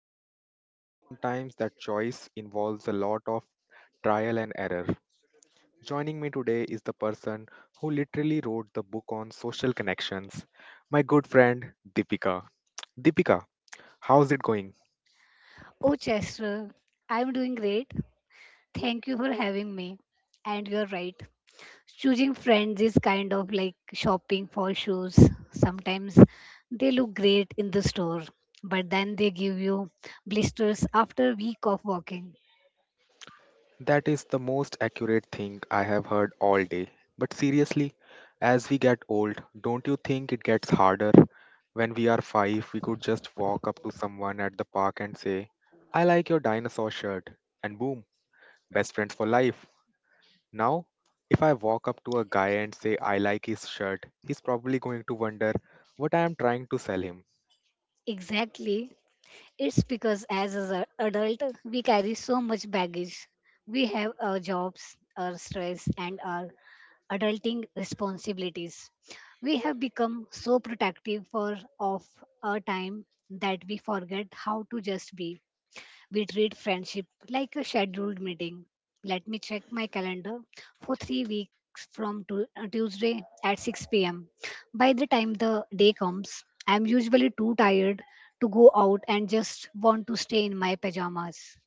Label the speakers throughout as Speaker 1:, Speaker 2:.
Speaker 1: be real, sometimes that choice involves a lot of trial and error. Joining me today is the person who literally wrote the book on social connections, my good friend Deepika. Deepika, how's it going?
Speaker 2: Oh, Chester, I'm doing great. Thank you for having me. And you're right. Choosing friends is kind of like shopping for shoes. Sometimes they look great in the store, but then they give you blisters after a week of walking.
Speaker 1: That is the most accurate thing I have heard all day. But seriously, as we get old, don't you think it gets harder? When we are five, we could just walk up to someone at the park and say, I like your dinosaur shirt. And boom, best friends for life. Now, if I walk up to a guy and say, I like his shirt, he's probably going to wonder what I am trying to sell him.
Speaker 2: Exactly. It's because as an adult, we carry so much baggage. We have our jobs, our stress, and our adulting responsibilities. We have become so protective for of our time that we forget how to just be. We treat friendship like a scheduled meeting. Let me check my calendar for 3 weeks from Tuesday at 6 p.m. By the time the day comes, I am usually too tired to go out and just want to stay in my pajamas.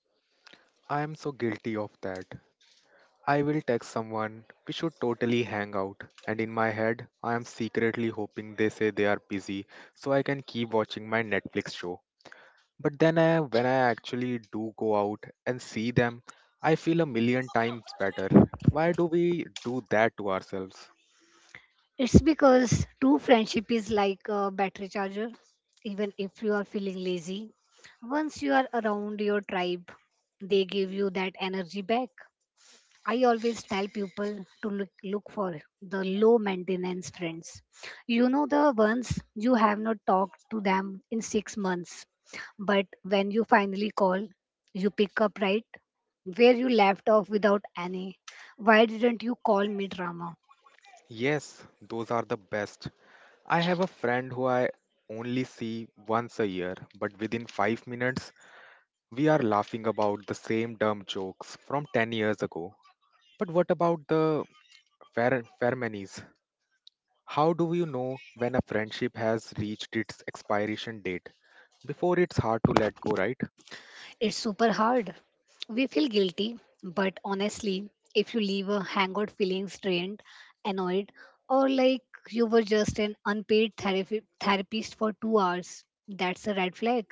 Speaker 1: I am so guilty of that. I will text someone. We should totally hang out. And in my head, I am secretly hoping they say they are busy so I can keep watching my Netflix show. But then when I actually do go out and see them, I feel a million times better. Why do we do that to ourselves?
Speaker 2: It's because true friendship is like a battery charger, even if you are feeling lazy. Once you are around your tribe, they give you that energy back. I always tell people to look for the low maintenance friends. You know, the ones you have not talked to them in 6 months, but when you finally call, you pick up right where you left off without any. Why didn't you call me drama?
Speaker 1: Yes, those are the best. I have a friend who I only see once a year, but within five minutes, we are laughing about the same dumb jokes from 10 years ago. But what about the Fermanis? How do you know when a friendship has reached its expiration date? Before it's hard to let go, right?
Speaker 2: It's super hard. We feel guilty, but honestly, if you leave a hangout feeling strained, annoyed, or like you were just an unpaid therapist for 2 hours, that's a red flag.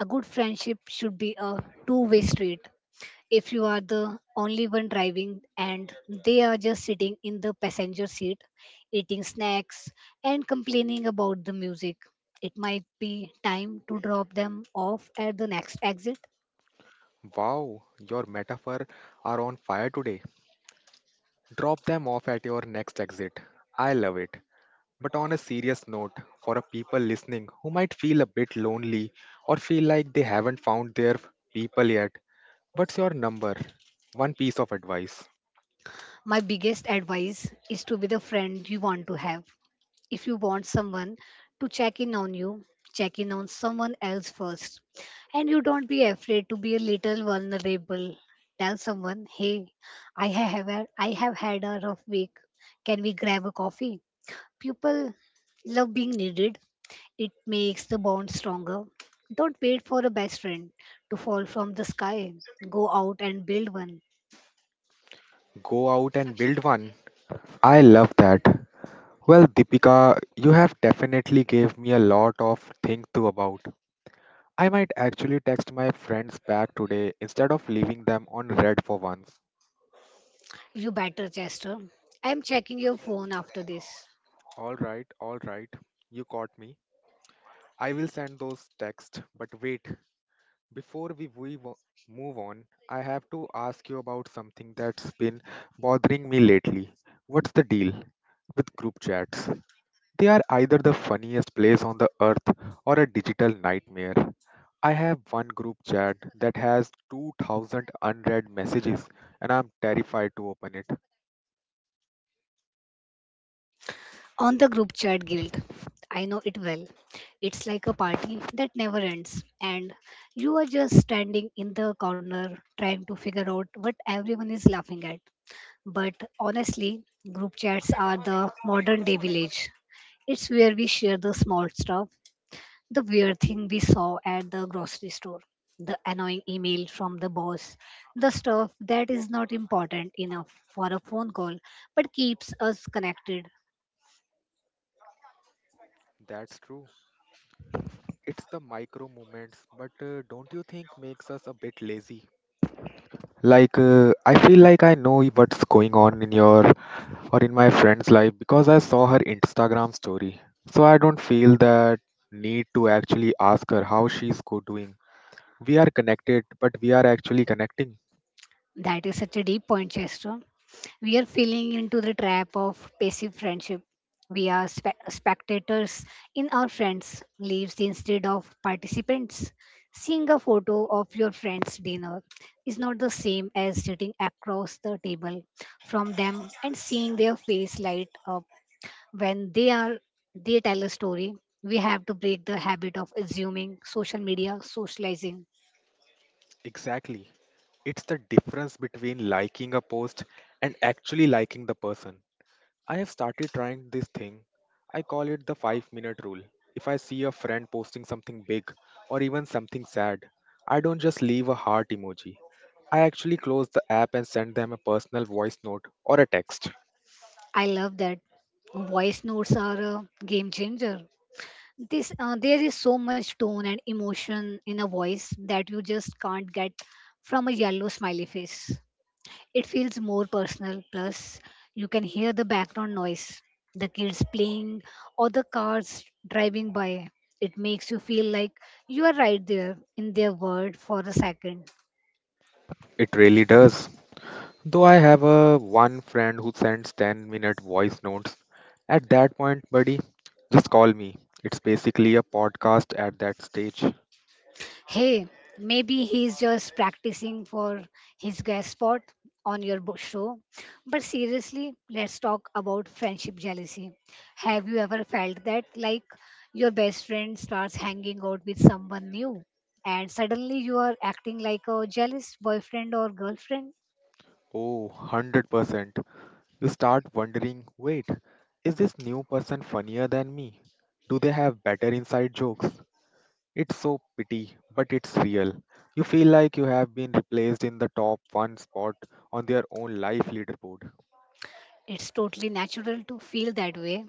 Speaker 2: A good friendship should be a two-way street. If you are the only one driving and they are just sitting in the passenger seat, eating snacks and complaining about the music, it might be time to drop them off at the next exit.
Speaker 1: Wow, your metaphor are on fire today. Drop them off at your next exit. I love it. But on a serious note, for a people listening who might feel a bit lonely or feel like they haven't found their people yet, what's your number? One piece of advice.
Speaker 2: My biggest advice is to be the friend you want to have. If you want someone to check in on you, check in on someone else first. And you don't be afraid to be a little vulnerable. Tell someone, hey, I have had a rough week. Can we grab a coffee? People love being needed. It makes the bond stronger. Don't wait for a best friend to fall from the sky. Go out and build one.
Speaker 1: Go out and build one. I love that. Well, Deepika, you have definitely gave me a lot of think to about. I might actually text my friends back today instead of leaving them on red for once.
Speaker 2: You better, Chester. I'm checking your phone after this.
Speaker 1: All right, all right. You caught me. I will send those texts, but wait, before we move on, I have to ask you about something that's been bothering me lately. What's the deal with group chats? They are either the funniest place on the earth or a digital nightmare. I have one group chat that has 2000 unread messages and I'm terrified to open it.
Speaker 2: On the group chat guild. I know it well. It's like a party that never ends, and you are just standing in the corner trying to figure out what everyone is laughing at. But honestly, group chats are the modern day village. It's where we share the small stuff, the weird thing we saw at the grocery store, the annoying email from the boss, the stuff that is not important enough for a phone call but keeps us connected.
Speaker 1: That's true. It's the micro movements, but don't you think makes us a bit lazy? Like, I feel like I know what's going on in your or in my friend's life because I saw her Instagram story. So I don't feel that need to actually ask her how she's go doing. We are connected, but we are actually connecting.
Speaker 2: That is such a deep point, Chester. We are falling into the trap of passive friendship. We are spectators in our friends' lives instead of participants. Seeing a photo of your friend's dinner is not the same as sitting across the table from them and seeing their face light up when they tell a story. We have to break the habit of assuming social media socializing.
Speaker 1: Exactly. It's the difference between liking a post and actually liking the person. I have started trying this thing. I call it the five-minute rule. If I see a friend posting something big or even something sad, I don't just leave a heart emoji. I actually close the app and send them a personal voice note or a text.
Speaker 2: I love that. Voice notes are a game changer. This There is so much tone and emotion in a voice that you just can't get from a yellow smiley face. It feels more personal. Plus you can hear the background noise, the kids playing or the cars driving by. It makes you feel like you are right there in their world for a second.
Speaker 1: It really does. Though I have a one friend who sends 10-minute voice notes. At that point, buddy, just call me. It's basically a podcast at that stage.
Speaker 2: Hey, maybe he's just practicing for his guest spot on your show. But seriously, let's talk about friendship jealousy. Have you ever felt that, like, your best friend starts hanging out with someone new, and suddenly you are acting like a jealous boyfriend or girlfriend?
Speaker 1: Oh, 100%. You start wondering wait, is this new person funnier than me? Do they have better inside jokes? It's so pity, but it's real. You feel like you have been replaced in the top one spot on their own life leaderboard.
Speaker 2: It's totally natural to feel that way.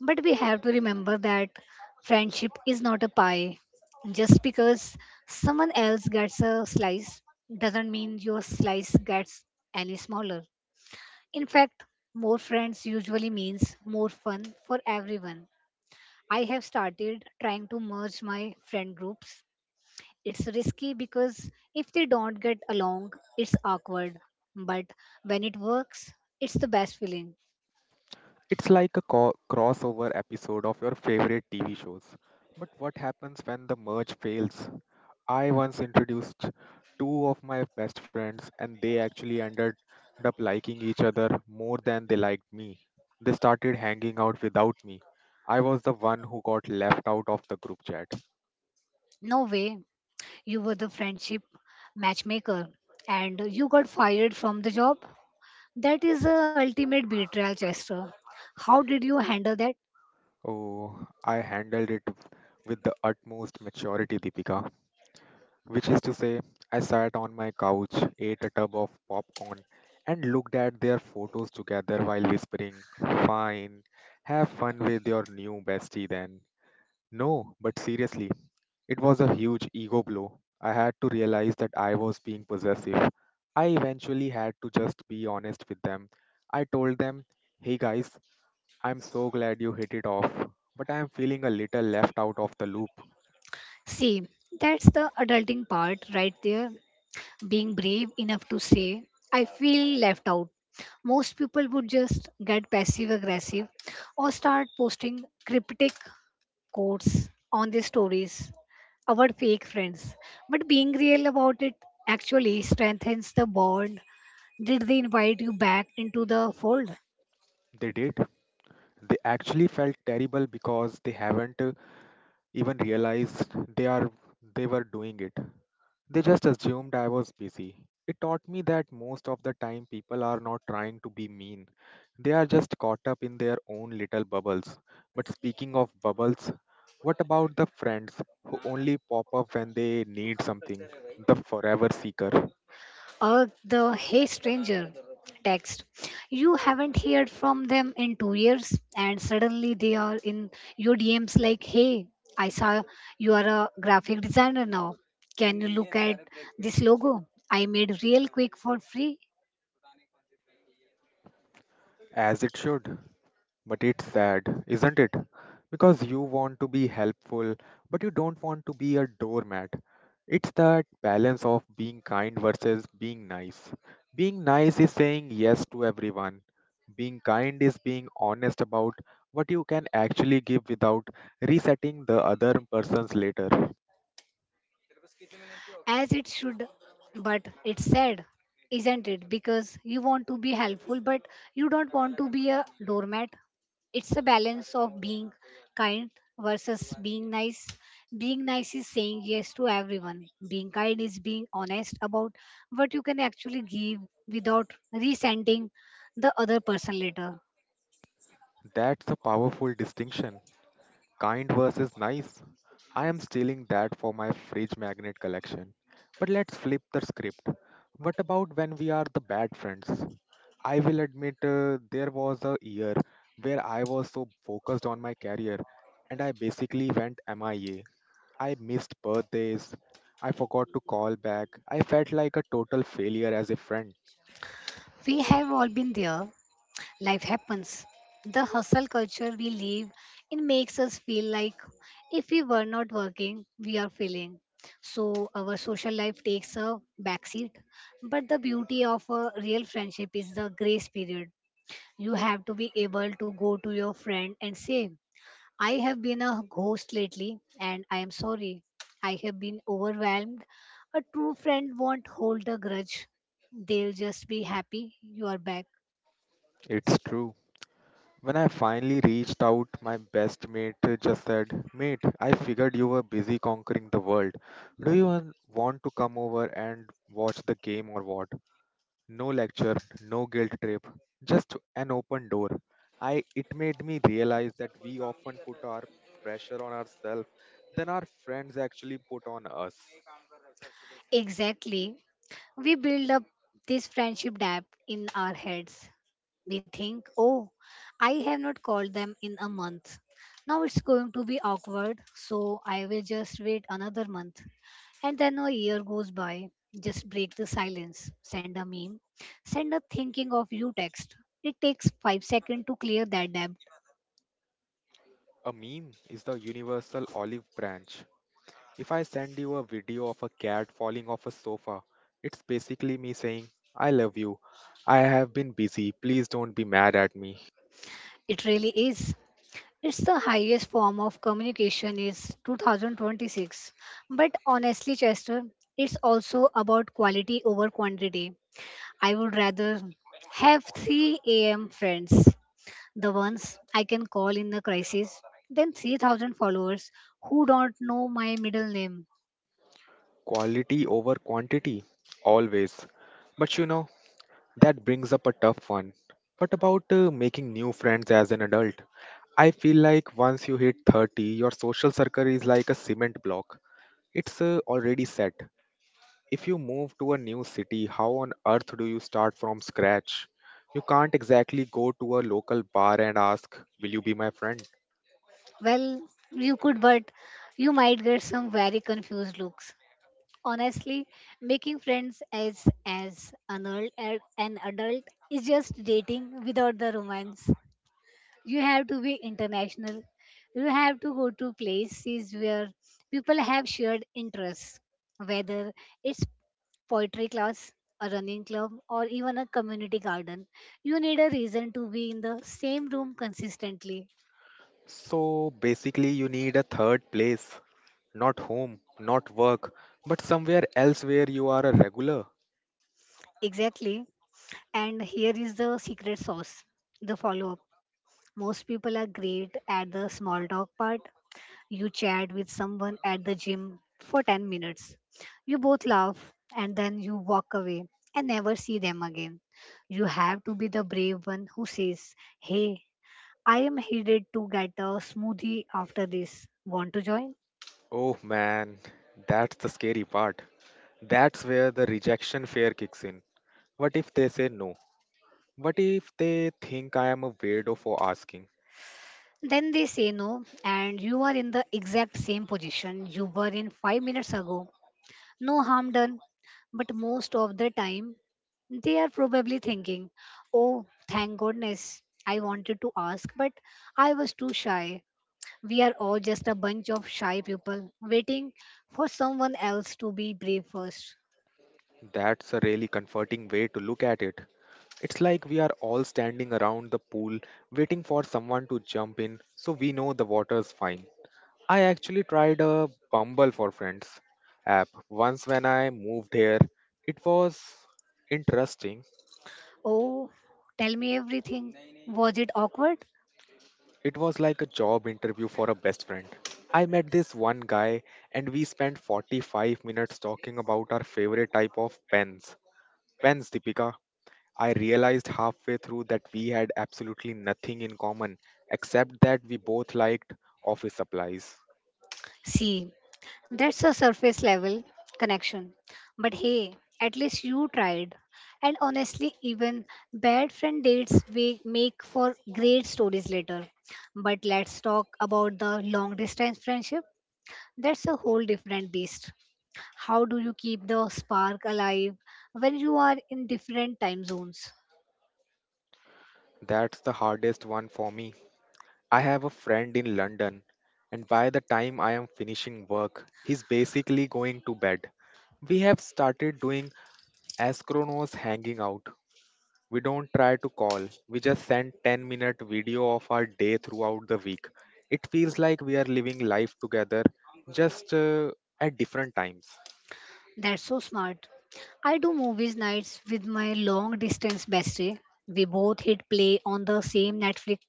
Speaker 2: But we have to remember that friendship is not a pie. Just because someone else gets a slice doesn't mean your slice gets any smaller. In fact, more friends usually means more fun for everyone. I have started trying to merge my friend groups. It's risky because if they don't get along, it's awkward. But when it works, it's the best feeling.
Speaker 1: It's like a crossover episode of your favorite TV shows. But what happens when the merge fails? I once introduced two of my best friends, and they actually ended up liking each other more than they liked me. They started hanging out without me. I was the one who got left out of the group chat.
Speaker 2: No way. You were the friendship matchmaker and you got fired from the job. That is the ultimate betrayal, Chester. How did you handle that?
Speaker 1: Oh, I handled it with the utmost maturity, Deepika. Which is to say, I sat on my couch, ate a tub of popcorn, and looked at their photos together while whispering, fine, have fun with your new bestie then. No, but seriously, it was a huge ego blow. I had to realize that I was being possessive. I eventually had to just be honest with them. I told them, hey guys, I'm so glad you hit it off, but I'm feeling a little left out of the loop.
Speaker 2: See, that's the adulting part right there. Being brave enough to say, I feel left out. Most people would just get passive aggressive or start posting cryptic quotes on their stories, our fake friends. But being real about it actually strengthens the bond. Did they invite you back into the fold?
Speaker 1: They did. They actually felt terrible because they haven't even realized they were doing it. They just assumed I was busy. It taught me that most of the time people are not trying to be mean. They are just caught up in their own little bubbles. But speaking of bubbles, what about the friends who only pop up when they need something? The forever seeker.
Speaker 2: Or the hey stranger text? You haven't heard from them in 2 years, and suddenly they are in your DMs like, hey, I saw you are a graphic designer now. Can you look at this logo I made real quick for free?
Speaker 1: As it should. But it's sad, isn't it? Because you want to be helpful, but you don't want to be a doormat. It's that balance of being kind versus being nice. Being nice is saying yes to everyone. Being kind is being honest about what you can actually give without resetting the other person's later.
Speaker 2: As it should. But it's sad, isn't it? Because you want to be helpful, but you don't want to be a doormat. It's a balance of being kind versus being nice. Being nice is saying yes to everyone. Being kind is being honest about what you can actually give without resenting the other person later.
Speaker 1: That's a powerful distinction. Kind versus nice. I am stealing that for my fridge magnet collection. But let's flip the script. What about when we are the bad friends? I will admit there was a year where I was so focused on my career and I basically went MIA. I A. I missed birthdays. I forgot to call back. I felt like a total failure as a friend.
Speaker 2: We have all been there. Life happens. The hustle culture we live in makes us feel like if we were not working, we are failing. So our social life takes a backseat. But the beauty of a real friendship is the grace period. You have to be able to go to your friend and say, I have been a ghost lately and I am sorry. I have been overwhelmed. A true friend won't hold a grudge. They'll just be happy you are back.
Speaker 1: It's true. When I finally reached out, my best mate just said, Mate, I figured you were busy conquering the world. Do you want to come over and watch the game or what? No lecture, no guilt trip, just an open door. I it made me realize that we often put our pressure on ourselves than our friends actually put on us.
Speaker 2: Exactly. We build up this friendship dap in our heads. We think, oh, I have not called them in a month. Now it's going to be awkward, so I will just wait another month. And then a year goes by. Just break the silence. Send a meme. Send a thinking of you text. It takes 5 seconds to clear that debt.
Speaker 1: A meme is the universal olive branch. If I send you a video of a cat falling off a sofa, it's basically me saying, I love you. I have been busy. Please don't be mad at me.
Speaker 2: It really is. It's the highest form of communication is 2026. But honestly, Chester, it's also about quality over quantity. I would rather have 3 a.m. friends, the ones I can call in a crisis, than 3,000 followers who don't know my middle name.
Speaker 1: Quality over quantity, always. But you know, that brings up a tough one. What about making new friends as an adult? I feel like once you hit 30, your social circle is like a cement block. It's already set. If you move to a new city, how on earth do you start from scratch? You can't exactly go to a local bar and ask, will you be my friend?
Speaker 2: Well, you could, but you might get some very confused looks. Honestly, making friends as an adult is just dating without the romance. You have to be international. You have to go to places where people have shared interests, whether it's poetry class, a running club, or even a community garden. You need a reason to be in the same room consistently.
Speaker 1: So basically, you need a third place, not home, not work, but somewhere else where you are a regular.
Speaker 2: Exactly. And here is the secret sauce, the follow up. Most people are great at the small talk part. You chat with someone at the gym for 10 minutes. You both laugh and then you walk away and never see them again. You have to be the brave one who says, Hey, I am headed to get a smoothie after this. Want to join?
Speaker 1: Oh man, that's the scary part. That's where the rejection fear kicks in. What if they say no? What if they think I am a weirdo for asking?
Speaker 2: Then they say no, and you are in the exact same position you were in 5 minutes ago. No harm done. But most of the time, they are probably thinking, Oh, thank goodness, I wanted to ask, but I was too shy. We are all just a bunch of shy people waiting for someone else to be brave first.
Speaker 1: That's a really comforting way to look at it. It's like we are all standing around the pool waiting for someone to jump in so we know the water's fine. I actually tried a Bumble for Friends app once when I moved here. It was interesting.
Speaker 2: Oh, tell me everything. Was it awkward?
Speaker 1: It was like a job interview for a best friend. I met this one guy and we spent 45 minutes talking about our favorite type of pens. Pens, Deepika. I realized halfway through that we had absolutely nothing in common except that we both liked office supplies.
Speaker 2: See, that's a surface level connection. But hey, at least you tried. And honestly, even bad friend dates we make for great stories later. But let's talk about the long distance friendship. That's a whole different beast. How do you keep the spark alive when you are in different time zones?
Speaker 1: That's the hardest one for me. I have a friend in London, and by the time I am finishing work, he's basically going to bed. We have started doing asynchronous hanging out. We don't try to call, we just send 10-minute video of our day throughout the week. It feels like we are living life together, just at different times.
Speaker 2: That's so smart. I do movies nights with my long distance bestie. We both hit play on the same Netflix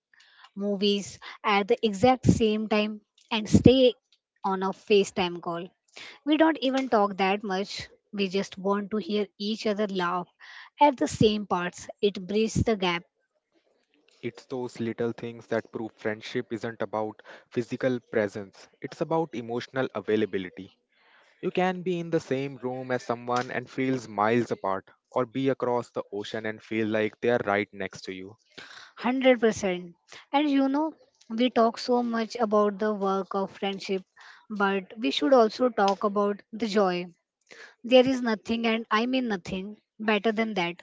Speaker 2: movies at the exact same time and stay on a FaceTime call. We don't even talk that much. We just want to hear each other laugh at the same parts. It bridges the gap.
Speaker 1: It's those little things that prove friendship isn't about physical presence, it's about emotional availability. You can be in the same room as someone and feels miles apart, or be across the ocean and feel like they are right next to you.
Speaker 2: 100%. And you know, we talk so much about the work of friendship, but we should also talk about the joy. There is nothing, and I mean nothing, better than that.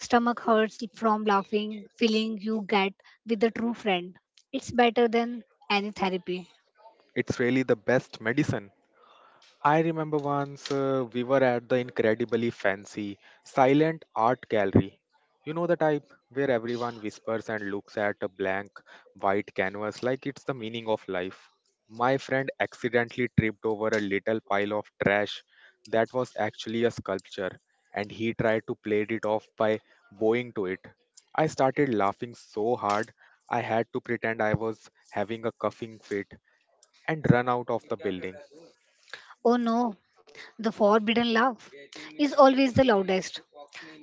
Speaker 2: Stomach hurts from laughing, feeling you get with a true friend. It's better than any therapy.
Speaker 1: It's really the best medicine. I remember once we were at the incredibly fancy silent art gallery. You know the type where everyone whispers and looks at a blank white canvas like it's the meaning of life. My friend accidentally tripped over a little pile of trash that was actually a sculpture, and he tried to play it off by bowing to it. I started laughing so hard I had to pretend I was having a coughing fit and run out of the building.
Speaker 2: Oh no, the forbidden love is always the loudest.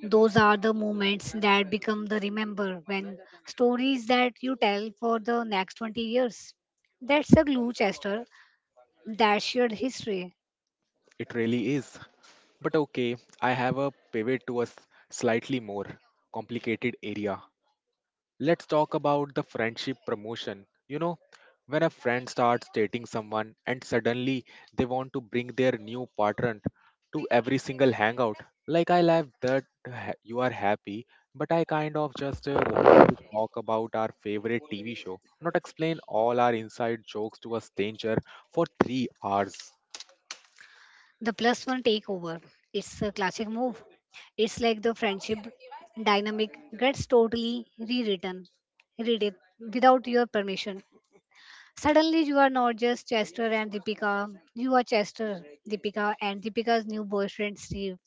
Speaker 2: Those are the moments that become the remember when stories that you tell for the next 20 years. That's a glue, Chester. That's shared history.
Speaker 1: It really is. But okay, I have a pivot to a slightly more complicated area. Let's talk about the friendship promotion. You know, when a friend starts dating someone and suddenly they want to bring their new partner to every single hangout. Like, I love that you are happy, but I kind of just wanted to talk about our favorite TV show, not explain all our inside jokes to a stranger for 3 hours.
Speaker 2: The plus one takeover. It's a classic move. It's like the friendship dynamic gets totally rewritten, read without your permission. Suddenly, you are not just Chester and Deepika, you are Chester, Deepika, and Deepika's new boyfriend, Steve.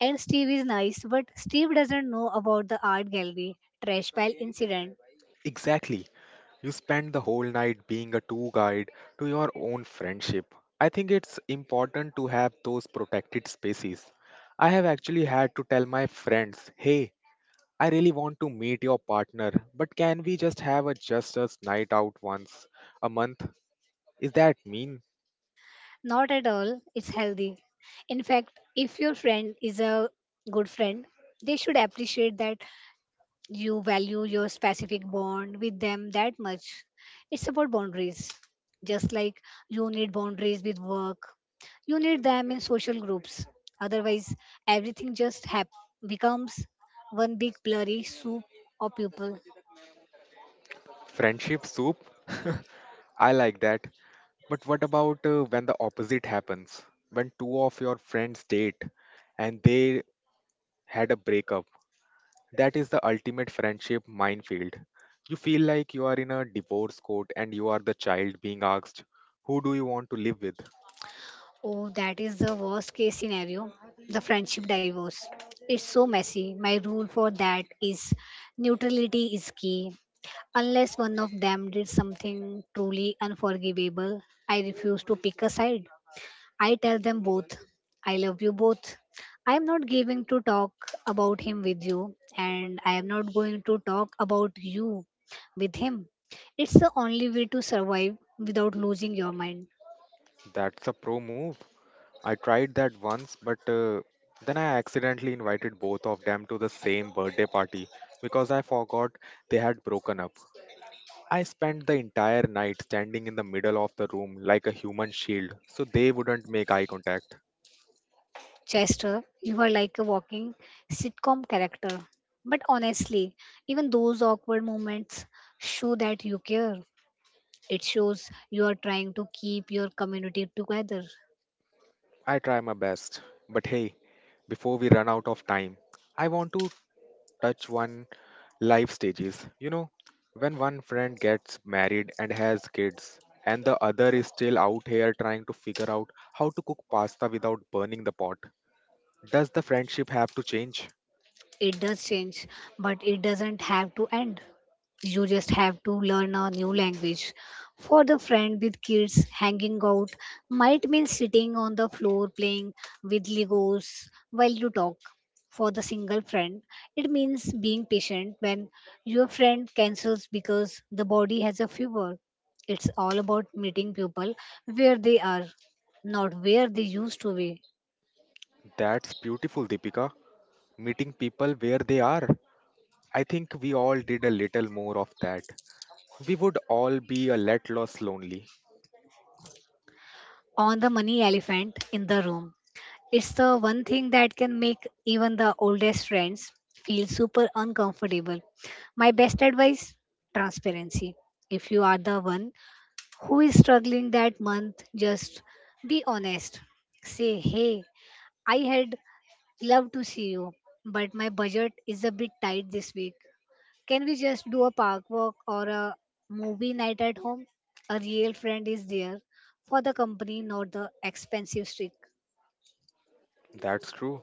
Speaker 2: And Steve is nice, but Steve doesn't know about the art gallery trash pile incident.
Speaker 1: Exactly. You spend the whole night being a tour guide to your own friendship. I think it's important to have those protected spaces. I have actually had to tell my friends, hey, I really want to meet your partner, but can we just have a just us night out once a month? Is that mean?
Speaker 2: Not at all, it's healthy. In fact, if your friend is a good friend, they should appreciate that you value your specific bond with them that much. It's about boundaries. Just like you need boundaries with work, you need them in social groups. Otherwise, everything just becomes one big blurry soup of people.
Speaker 1: Friendship soup? I like that. But what about when the opposite happens? When two of your friends date and they had a breakup? That is the ultimate friendship minefield. You feel like you are in a divorce court and you are the child being asked, who do you want to live with?
Speaker 2: Oh, that is the worst case scenario the friendship divorce. It's so messy. My rule for that is neutrality is key. Unless one of them did something truly unforgivable, I refuse to pick a side. I tell them both, I love you both. I am not going to talk about him with you, and I am not going to talk about you with him. It's the only way to survive without losing your mind.
Speaker 1: That's a pro move. I tried that once, but then I accidentally invited both of them to the same birthday party because I forgot they had broken up. I spent the entire night standing in the middle of the room like a human shield so they wouldn't make eye contact.
Speaker 2: Chester, you are like a walking sitcom character. But honestly, even those awkward moments show that you care. It shows you are trying to keep your community together.
Speaker 1: I try my best, but hey, before we run out of time, I want to touch one life stages. You know, when one friend gets married and has kids, and the other is still out here trying to figure out how to cook pasta without burning the pot, does the friendship have to change?
Speaker 2: It does change, but it doesn't have to end. You just have to learn a new language. For the friend with kids, hanging out might mean sitting on the floor playing with Legos while you talk. For the single friend, it means being patient when your friend cancels because the body has a fever. It's all about meeting people where they are, not where they used to be.
Speaker 1: That's beautiful, Deepika. Meeting people where they are. I think we all did a little more of that. We would all be a let loss lonely.
Speaker 2: On the money elephant in the room. It's the one thing that can make even the oldest friends feel super uncomfortable. My best advice transparency. If you are the one who is struggling that month, just be honest. Say, hey, I had loved to see you, but my budget is a bit tight this week. Can we just do a park walk or a movie night at home? A real friend is there for the company, not the expensive streak.
Speaker 1: That's true.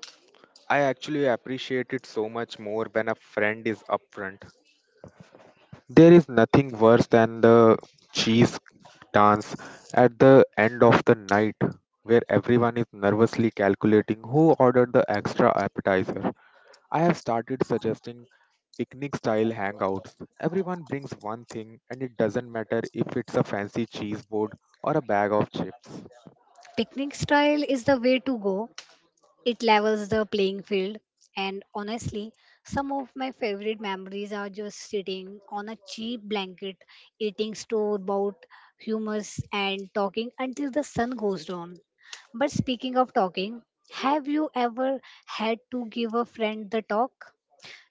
Speaker 1: I actually appreciate it so much more when a friend is upfront. There is nothing worse than the cheese dance at the end of the night where everyone is nervously calculating who ordered the extra appetizer. I have started suggesting picnic style hangouts. Everyone brings one thing and it doesn't matter if it's a fancy cheese board or a bag of chips.
Speaker 2: Picnic style is the way to go. It levels the playing field. And honestly, some of my favorite memories are just sitting on a cheap blanket, eating store bought hummus, and talking until the sun goes down. But speaking of talking, have you ever had to give a friend the talk?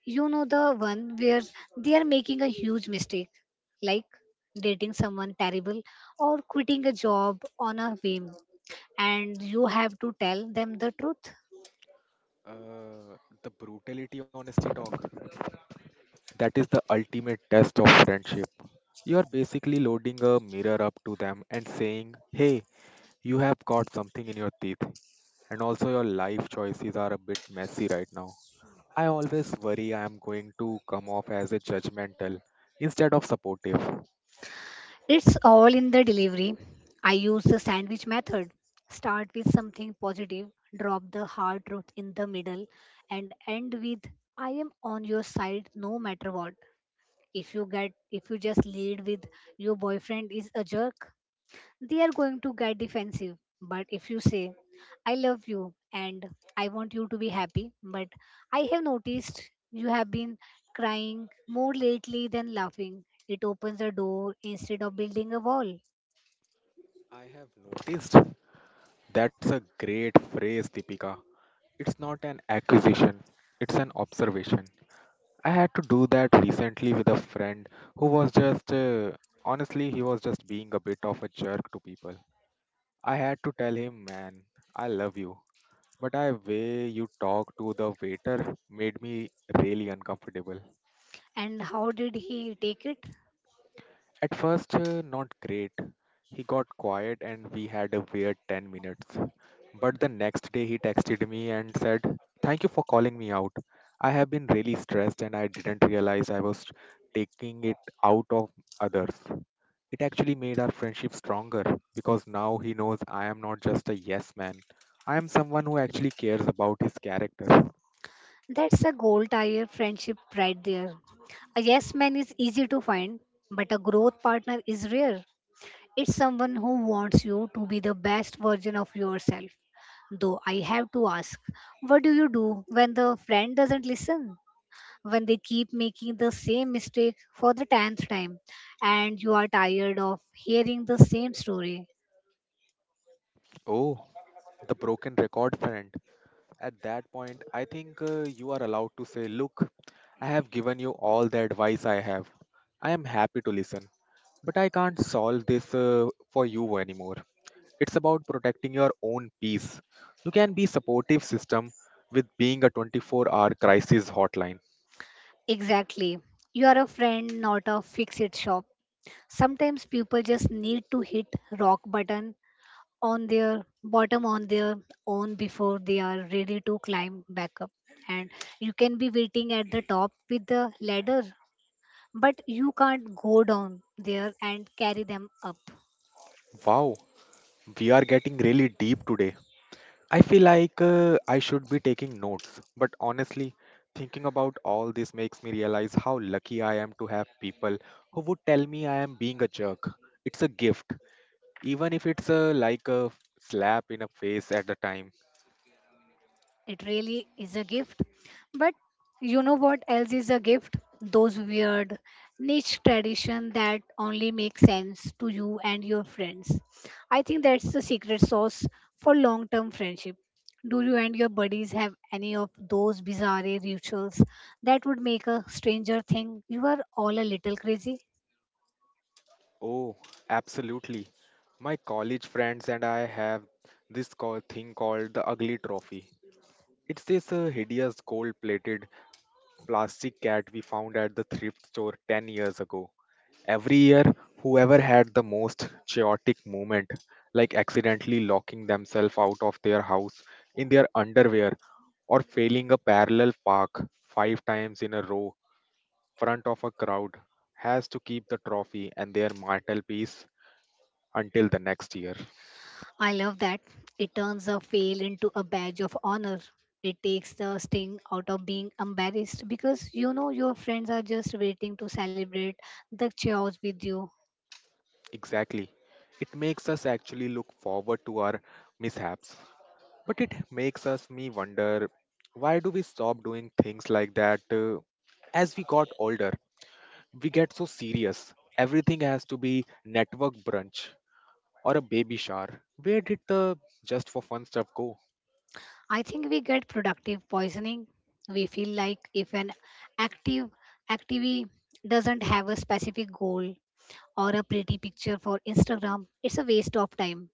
Speaker 2: You know the one where they are making a huge mistake, like dating someone terrible or quitting a job on a whim, and you have to tell them the truth.
Speaker 1: Uh, the brutality honesty talk. That is the ultimate test of friendship. You are basically loading a mirror up to them and saying, "Hey, you have caught something in your teeth, and also your life choices are a bit messy right now." I always worry I am going to come off as a judgmental instead of supportive.
Speaker 2: It's all in the delivery. I use the sandwich method. Start with something positive, drop the hard truth in the middle, and end with I am on your side no matter what. If you just lead with your boyfriend is a jerk, they are going to get defensive. But if you say, I love you and I want you to be happy, but I have noticed you have been crying more lately than laughing, it opens a door instead of building a wall.
Speaker 1: I have noticed that's a great phrase, Deepika. It's not an accusation, it's an observation. I had to do that recently with a friend who was just, honestly, he was just being a bit of a jerk to people. I had to tell him, man, I love you. But I way you talk to the waiter made me really uncomfortable.
Speaker 2: And how did he take it?
Speaker 1: At first, not great. He got quiet and we had a weird 10 minutes. But the next day, he texted me and said, thank you for calling me out. I have been really stressed and I didn't realize I was taking it out of others. It actually made our friendship stronger because now he knows I am not just a yes man. I am someone who actually cares about his character.
Speaker 2: That's a gold tire friendship right there. A yes man is easy to find, but a growth partner is rare. It's someone who wants you to be the best version of yourself. Though I have to ask, what do you do when the friend doesn't listen? When they keep making the same mistake for the tenth time and you are tired of hearing the same story?
Speaker 1: Oh, the broken record friend. At that point, I think you are allowed to say, look, I have given you all the advice I have. I am happy to listen, but I can't solve this for you anymore. It's about protecting your own peace. You can be supportive system with being a 24-hour crisis hotline.
Speaker 2: Exactly. You are a friend, not a fix it shop. Sometimes people just need to hit rock button on their own before they are ready to climb back up, and you can be waiting at the top with the ladder, but you can't go down there and carry them up.
Speaker 1: Wow, we are getting really deep today. I feel like I should be taking notes, but honestly, thinking about all this makes me realize how lucky I am to have people who would tell me I am being a jerk. It's a gift, even if it's a, like a slap in the face at the time.
Speaker 2: It really is a gift. But you know what else is a gift? Those weird niche tradition that only makes sense to you and your friends. I think that's the secret sauce for long-term friendship. Do you and your buddies have any of those bizarre rituals that would make a stranger think you are all a little crazy?
Speaker 1: Oh, absolutely. My college friends and I have this call, thing called the ugly trophy. It's this hideous gold plated plastic cat we found at the thrift store 10 years ago. Every year, whoever had the most chaotic moment, like accidentally locking themselves out of their house in their underwear or failing a parallel park five times in a row front of a crowd, has to keep the trophy and their martial piece until the next year.
Speaker 2: I love that. It turns a fail into a badge of honor. It takes the sting out of being embarrassed because you know your friends are just waiting to celebrate the chaos with you.
Speaker 1: Exactly. It makes us actually look forward to our mishaps. But it makes us me wonder, why do we stop doing things like that as we got older? We get so serious. Everything has to be network brunch or a baby shower. Where did the just for fun stuff go?
Speaker 2: I think we get productive poisoning. We feel like if an active activity doesn't have a specific goal or a pretty picture for Instagram, it's a waste of time.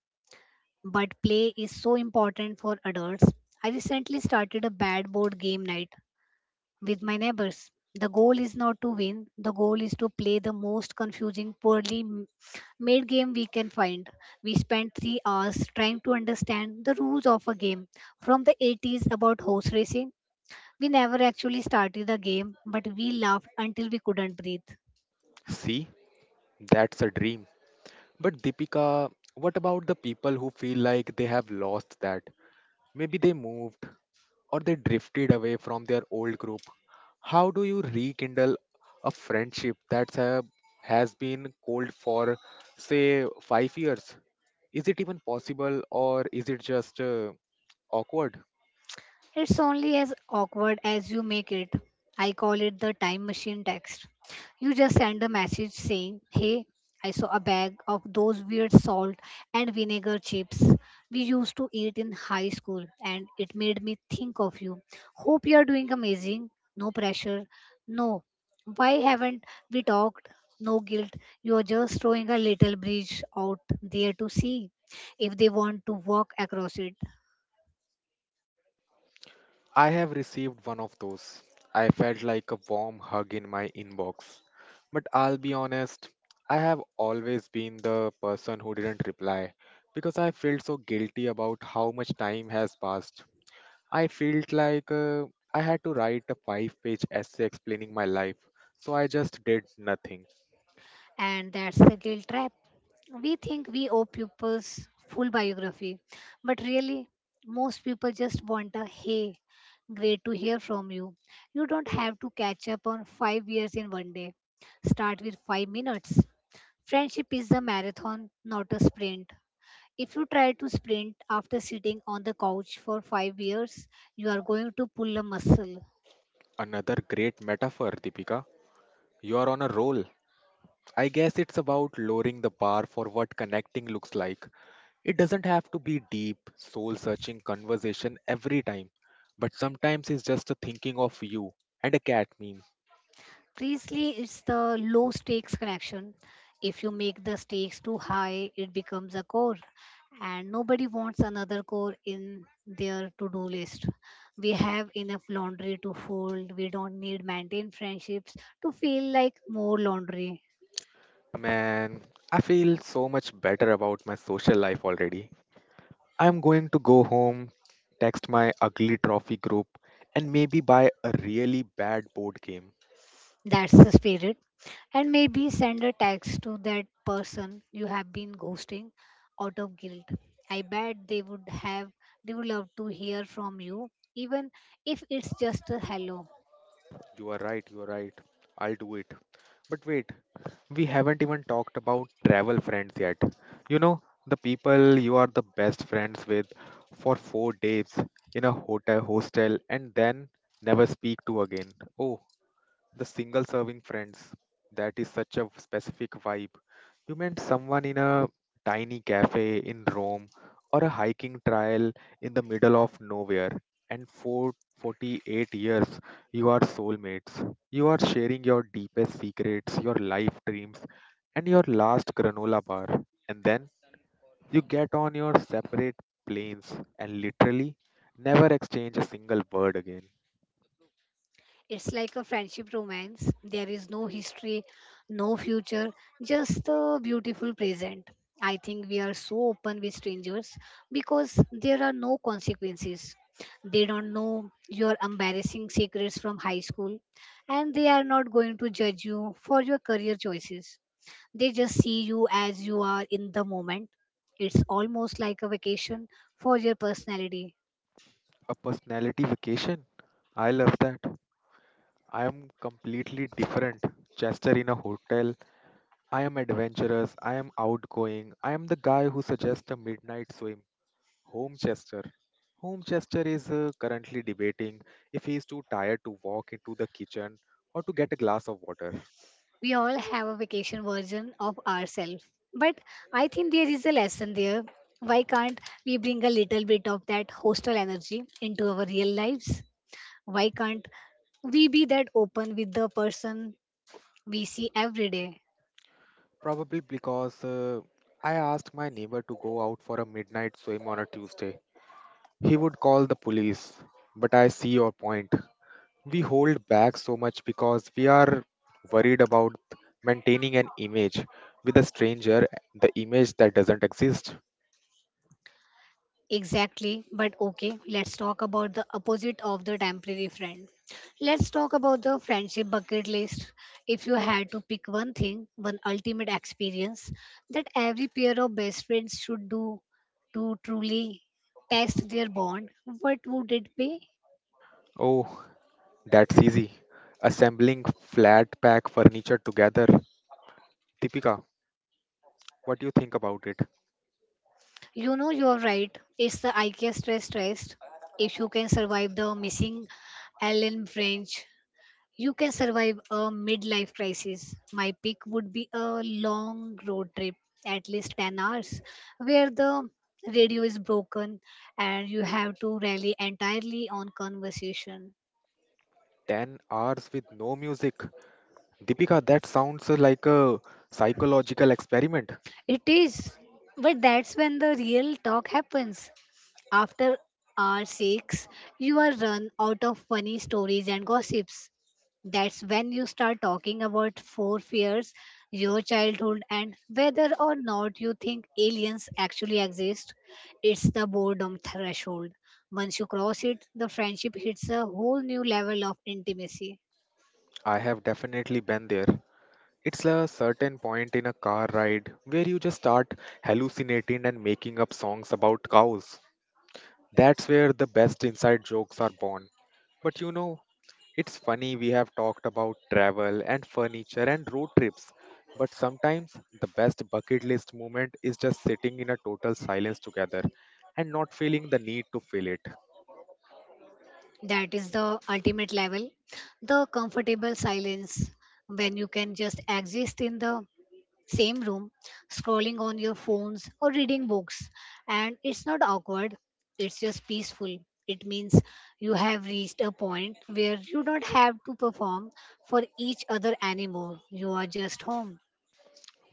Speaker 2: But play is so important for adults. I recently started a bad board game night with my neighbors. The goal is not to win, the goal is to play the most confusing, made game we can find. We spent 3 hours trying to understand the rules of a game from the 80s about horse racing. We never actually started the game, but we laughed until we couldn't breathe.
Speaker 1: See, that's a dream. But Deepika, what about the people who feel like they have lost that? Maybe they moved or they drifted away from their old group. How do you rekindle a friendship that's has been cold for, say, 5 years? Is it even possible or is it just awkward?
Speaker 2: It's only as awkward as you make it. I call it the time machine text. You just send a message saying, Hey, I saw a bag of those weird salt and vinegar chips we used to eat in high school, and it made me think of you. Hope you are doing amazing. No pressure. No. Why haven't we talked? No guilt. You are just throwing a little bridge out there to see if they want to walk across it.
Speaker 1: I have received one of those. I felt like a warm hug in my inbox. But I'll be honest, I have always been the person who didn't reply because I felt so guilty about how much time has passed. I felt like I had to write a five-page essay explaining my life, so I just did nothing.
Speaker 2: And that's the guilt trap. We think we owe pupils full biography, but really, most people just want a hey, great to hear from you. You don't have to catch up on 5 years in one day. Start with 5 minutes. Friendship is a marathon, not a sprint. If you try to sprint after sitting on the couch for 5 years, you are going to pull a muscle.
Speaker 1: Another great metaphor, Deepika. You are on a roll. I guess it's about lowering the bar for what connecting looks like. It doesn't have to be deep, soul searching conversation every time, but sometimes it's just a thinking of you and a cat meme.
Speaker 2: Priestley, it's the low stakes connection. If you make the stakes too high, it becomes a core, and nobody wants another core in their to do list. We have enough laundry to fold, we don't need maintain friendships to feel like more laundry.
Speaker 1: Man, I feel so much better about my social life already. I'm going to go home, text my ugly trophy group, and maybe buy a really bad board game.
Speaker 2: That's the spirit. And maybe send a text to that person you have been ghosting out of guilt. I bet they would love to hear from you, even if it's just a hello.
Speaker 1: You are right, you are right. I'll do it. But wait, we haven't even talked about travel friends yet. You know, the people you are the best friends with for 4 days in a hotel hostel and then never speak to again. Oh, the single serving friends. That is such a specific vibe. You met someone in a tiny cafe in Rome or a hiking trail in the middle of nowhere, and for 48 years, you are soulmates. You are sharing your deepest secrets, your life dreams, and your last granola bar. And then you get on your separate planes and literally never exchange a single word again.
Speaker 2: It's like a friendship romance. There is no history, no future, just the beautiful present. I think we are so open with strangers because there are no consequences. They don't know your embarrassing secrets from high school, and they are not going to judge you for your career choices. They just see you as you are in the moment. It's almost like a vacation for your personality.
Speaker 1: A personality vacation? I love that. I am completely different. Chester in a hotel, I am adventurous, I am outgoing, I am the guy who suggests a midnight swim. Home Chester. Home Chester is currently debating if he is too tired to walk into the kitchen or to get a glass of water.
Speaker 2: We all have a vacation version of ourselves. But I think there is a lesson there. Why can't we bring a little bit of that hostel energy into our real lives? Why can't we be that open with the person we see every day?
Speaker 1: Probably because I asked my neighbor to go out for a midnight swim on a Tuesday. He would call the police. But I see your point. We hold back so much because we are worried about maintaining an image with a stranger, the image that doesn't exist.
Speaker 2: Exactly, but okay, let's talk about the opposite of the temporary friend. Let's talk about the friendship bucket list. If you had to pick one thing, one ultimate experience that every pair of best friends should do to truly test their bond, what would it be?
Speaker 1: Oh, that's easy. Assembling flat pack furniture together. Deepika, what do you think about it?
Speaker 2: You know, you're right. It's the IKEA stress test. If you can survive the missing Ellen French, you can survive a midlife crisis. My pick would be a long road trip, at least 10 hours, where the radio is broken and you have to rely entirely on conversation.
Speaker 1: 10 hours with no music. Deepika, that sounds like a psychological experiment.
Speaker 2: It is, but that's when the real talk happens. After hour 6, you are run out of funny stories and gossips. That's when you start talking about four fears, your childhood, and whether or not you think aliens actually exist. It's the boredom threshold. Once you cross it, the friendship hits a whole new level of intimacy.
Speaker 1: I have definitely been there. It's a certain point in a car ride where you just start hallucinating and making up songs about cows. That's where the best inside jokes are born. But you know, it's funny we have talked about travel and furniture and road trips, but sometimes the best bucket list moment is just sitting in a total silence together and not feeling the need to fill it.
Speaker 2: That is the ultimate level. The comfortable silence when you can just exist in the same room, scrolling on your phones or reading books. And it's not awkward, it's just peaceful. It means you have reached a point where you don't have to perform for each other anymore. You are just home.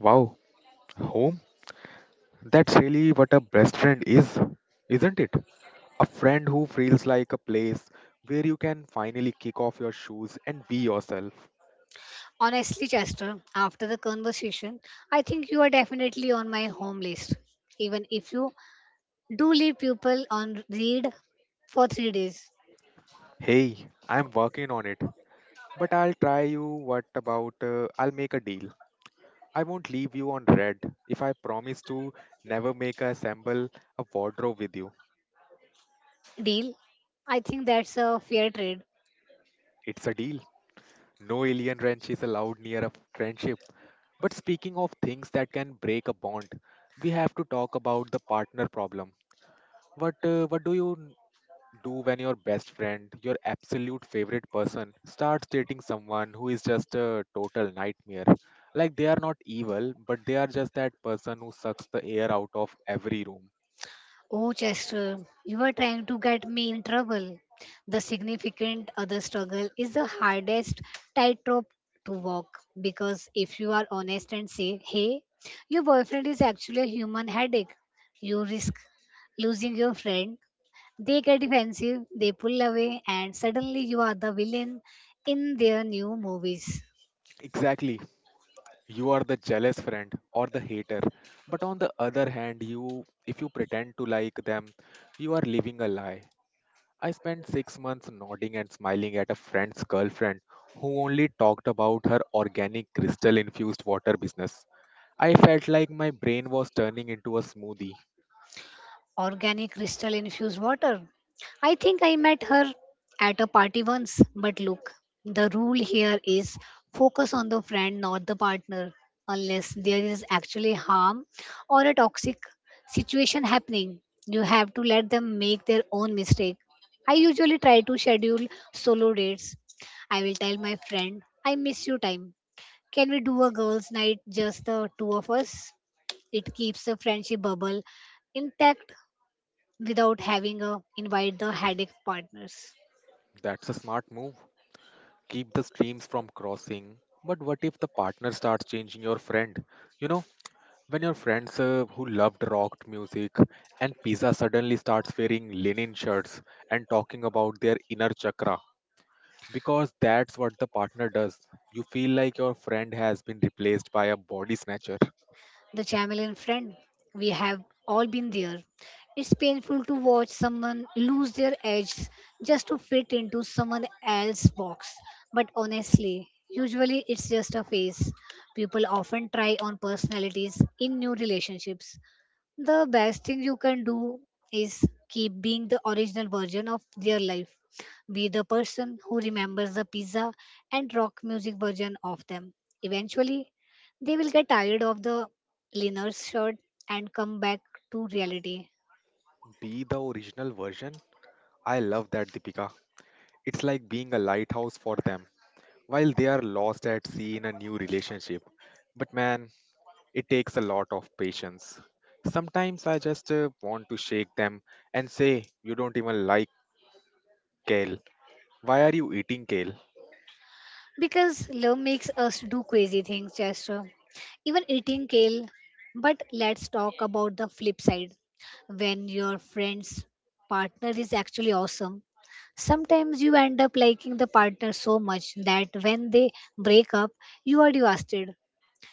Speaker 1: Wow, home? That's really what a best friend is, isn't it? A friend who feels like a place where you can finally kick off your shoes and be yourself.
Speaker 2: Honestly, Chester, after the conversation, I think you are definitely on my home list, even if you do leave people on read for 3 days.
Speaker 1: Hey, I'm working on it, but I'll try you. What about I'll make a deal? I won't leave you on red if I promise to never make a assemble a wardrobe with you.
Speaker 2: Deal. I think that's a fair trade.
Speaker 1: It's a deal. No alien wrench is allowed near a friendship. But speaking of things that can break a bond, we have to talk about the partner problem. What do when your best friend, your absolute favorite person, starts dating someone who is just a total nightmare? Like they are not evil, but they are just that person who sucks the air out of every room.
Speaker 2: Oh, Chester, you are trying to get me in trouble. The significant other struggle is the hardest tightrope to walk because if you are honest and say, hey, your boyfriend is actually a human headache, you risk losing your friend. They get defensive, they pull away, and suddenly you are the villain in their new movies.
Speaker 1: Exactly, you are the jealous friend or the hater. But on the other hand, you if you pretend to like them, you are living a lie. I spent 6 months nodding and smiling at a friend's girlfriend who only talked about her organic crystal infused water business. I felt like my brain was turning into a smoothie.
Speaker 2: Organic crystal infused water. I think I met her at a party once, but look, the rule here is focus on the friend, not the partner, unless there is actually harm or a toxic situation happening. You have to let them make their own mistake. I usually try to schedule solo dates. I will tell my friend, I miss you time. Can we do a girls' night, just the two of us? It keeps the friendship bubble intact without having a invite the headache partners.
Speaker 1: That's a smart move. Keep the streams from crossing. But what if the partner starts changing your friend you know When your friends who loved rock music and pizza suddenly starts wearing linen shirts and talking about their inner chakra, because that's what the partner does. You feel like your friend has been replaced by a body snatcher.
Speaker 2: The chameleon friend, we have all been there. It's painful to watch someone lose their edge just to fit into someone else's box. But honestly, usually it's just a face. People often try on personalities in new relationships. The best thing you can do is keep being the original version of their life. Be the person who remembers the pizza and rock music version of them. Eventually, they will get tired of the Linner's shirt and come back to reality.
Speaker 1: Be the original version. I love that, Deepika. It's like being a lighthouse for them while they are lost at sea in a new relationship. But man, it takes a lot of patience. Sometimes I just want to shake them and say, "You don't even like kale. Why are you eating kale?"
Speaker 2: Because love makes us do crazy things, Chester. Even eating kale. But let's talk about the flip side. When your friend's partner is actually awesome, sometimes you end up liking the partner so much that when they break up, you are devastated.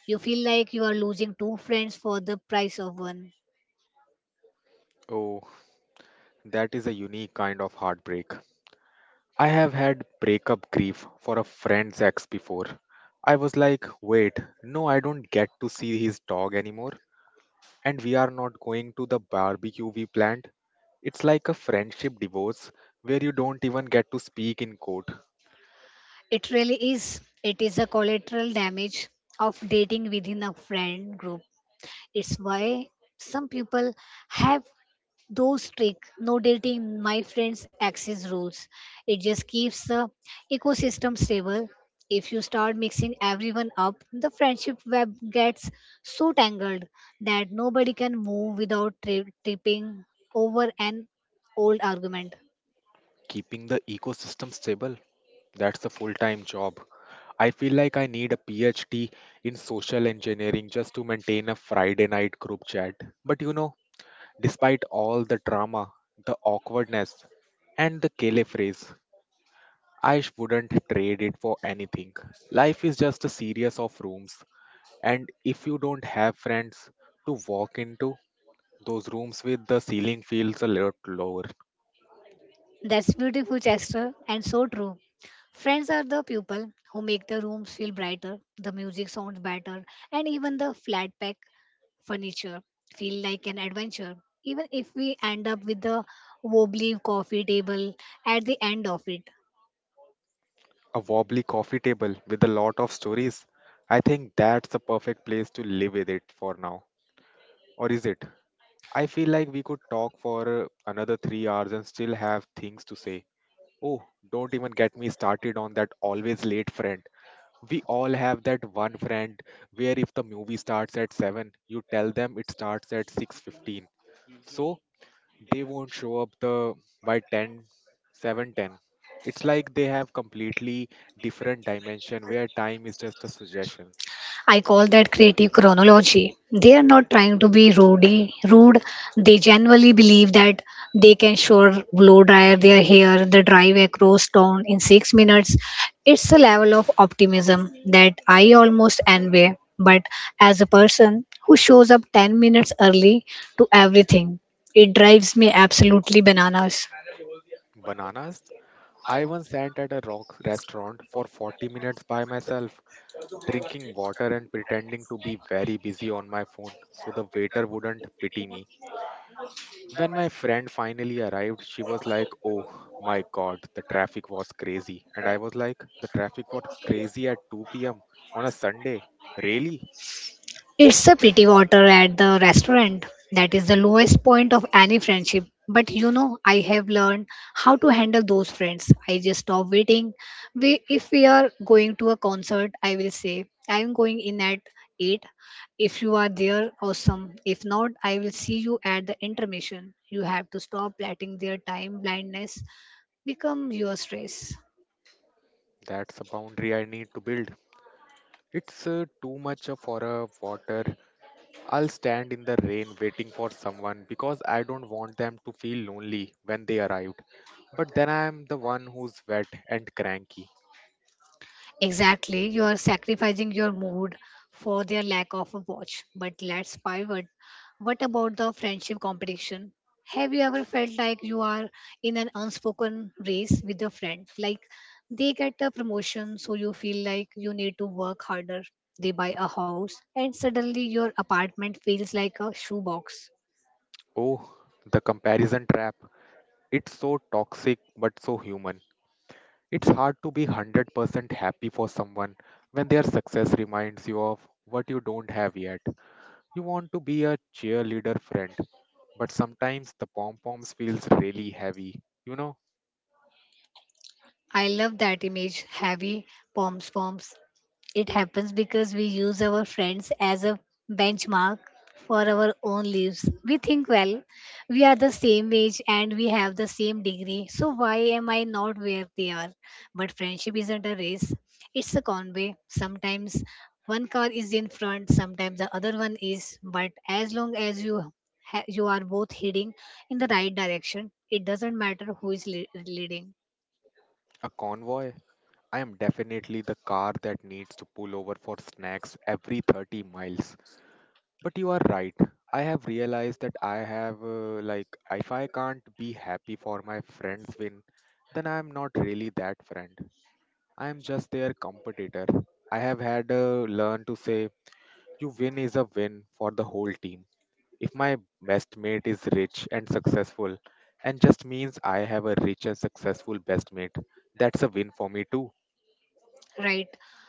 Speaker 2: You feel like you are losing 2 friends for the price of one.
Speaker 1: Oh, that is a unique kind of heartbreak. I have had breakup grief for a friend's ex before. I was like, wait, no, I don't get to see his dog anymore, and we are not going to the barbecue we planned. It's like a friendship divorce where you don't even get to speak in court.
Speaker 2: It really is. It is a collateral damage of dating within a friend group. It's why some people have those strict no dating my friends access rules. It just keeps the ecosystem stable. If you start mixing everyone up, the friendship web gets so tangled that nobody can move without tripping over an old argument.
Speaker 1: Keeping the ecosystem stable, that's a full time job. I feel like I need a PhD in social engineering just to maintain a Friday night group chat. But you know, despite all the drama, the awkwardness, and the Kele phrase, wouldn't trade it for anything. Life is just a series of rooms, and if you don't have friends to walk into, those rooms with the ceiling feels a lot lower.
Speaker 2: That's beautiful, Chester, and so true. Friends are the people who make the rooms feel brighter, the music sounds better, and even the flat pack furniture feel like an adventure, even if we end up with a wobbly coffee table at the end of it.
Speaker 1: A wobbly coffee table with a lot of stories. I think that's the perfect place to live with it for now. Or is it? I feel like we could talk for another 3 hours and still have things to say. Oh, don't even get me started on that always late friend. We all have that one friend where if the movie starts at 7, you tell them it starts at 6:15. So they won't show up the by ten seven ten. It's like they have completely different dimension where time is just a suggestion.
Speaker 2: I call that creative chronology. They are not trying to be rude. Rude. They genuinely believe that they can sure blow dryer their hair, the drive across town in 6 minutes. It's a level of optimism that I almost envy. But as a person who shows up 10 minutes early to everything, it drives me absolutely bananas.
Speaker 1: Bananas. I once sat at a rock restaurant for 40 minutes by myself, drinking water and pretending to be very busy on my phone so the waiter wouldn't pity me. When my friend finally arrived, she was like, "Oh my god, the traffic was crazy." And I was like, "The traffic was crazy at 2 p.m. on a Sunday. Really?"
Speaker 2: It's a pretty water at the restaurant. That is the lowest point of any friendship. But you know, I have learned how to handle those friends. I just stop waiting. We, if we are going to a concert, I will say, I am going in at 8. If you are there, awesome. If not, I will see you at the intermission. You have to stop letting their time blindness become your stress.
Speaker 1: That's a boundary I need to build. It's too much for a water. I'll stand in the rain waiting for someone because I don't want them to feel lonely when they arrived. But then I am the one who's wet and cranky.
Speaker 2: Exactly, you are sacrificing your mood for their lack of a watch. But let's pivot. What about the friendship competition? Have you ever felt like you are in an unspoken race with a friend? Like they get a promotion, so you feel like you need to work harder. They buy a house, and suddenly your apartment feels like a shoebox.
Speaker 1: Oh, the comparison trap. It's so toxic but so human. It's hard to be 100% happy for someone when their success reminds you of what you don't have yet. You want to be a cheerleader friend, but sometimes the pom poms feels really heavy. You know,
Speaker 2: I love that image heavy, pom poms. It happens because we use our friends as a benchmark for our own lives. We think, well, we are the same age and we have the same degree, so why am I not where they are? But friendship isn't a race, it's a convoy. Sometimes one car is in front, sometimes the other one is, but as long as you you are both heading in the right direction, it doesn't matter who is leading.
Speaker 1: a convoy. I am definitely the car that needs to pull over for snacks every 30 miles. But you are right. I have realized that if I can't be happy for my friend's win, then I am not really that friend. I am just their competitor. I have had learned to say, you win is a win for the whole team. If my best mate is rich and successful, and just means I have a rich and successful best mate, that's a win for me too.
Speaker 2: Right.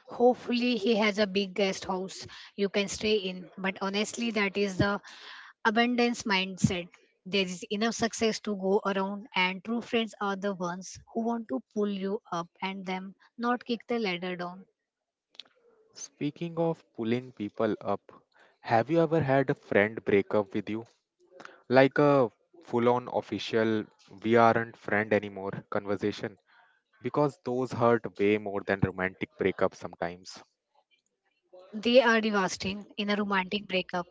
Speaker 2: Hopefully, he has a big guest house you can stay in. But honestly, that is the abundance mindset. There is enough success to go around, and true friends are the ones who want to pull you up and them not kick the ladder down.
Speaker 1: Speaking of pulling people up, have you ever had a friend break up with you? Like a full on official, we aren't friend anymore conversation? Because those hurt way more than romantic breakups sometimes.
Speaker 2: They are devastating in a romantic breakup.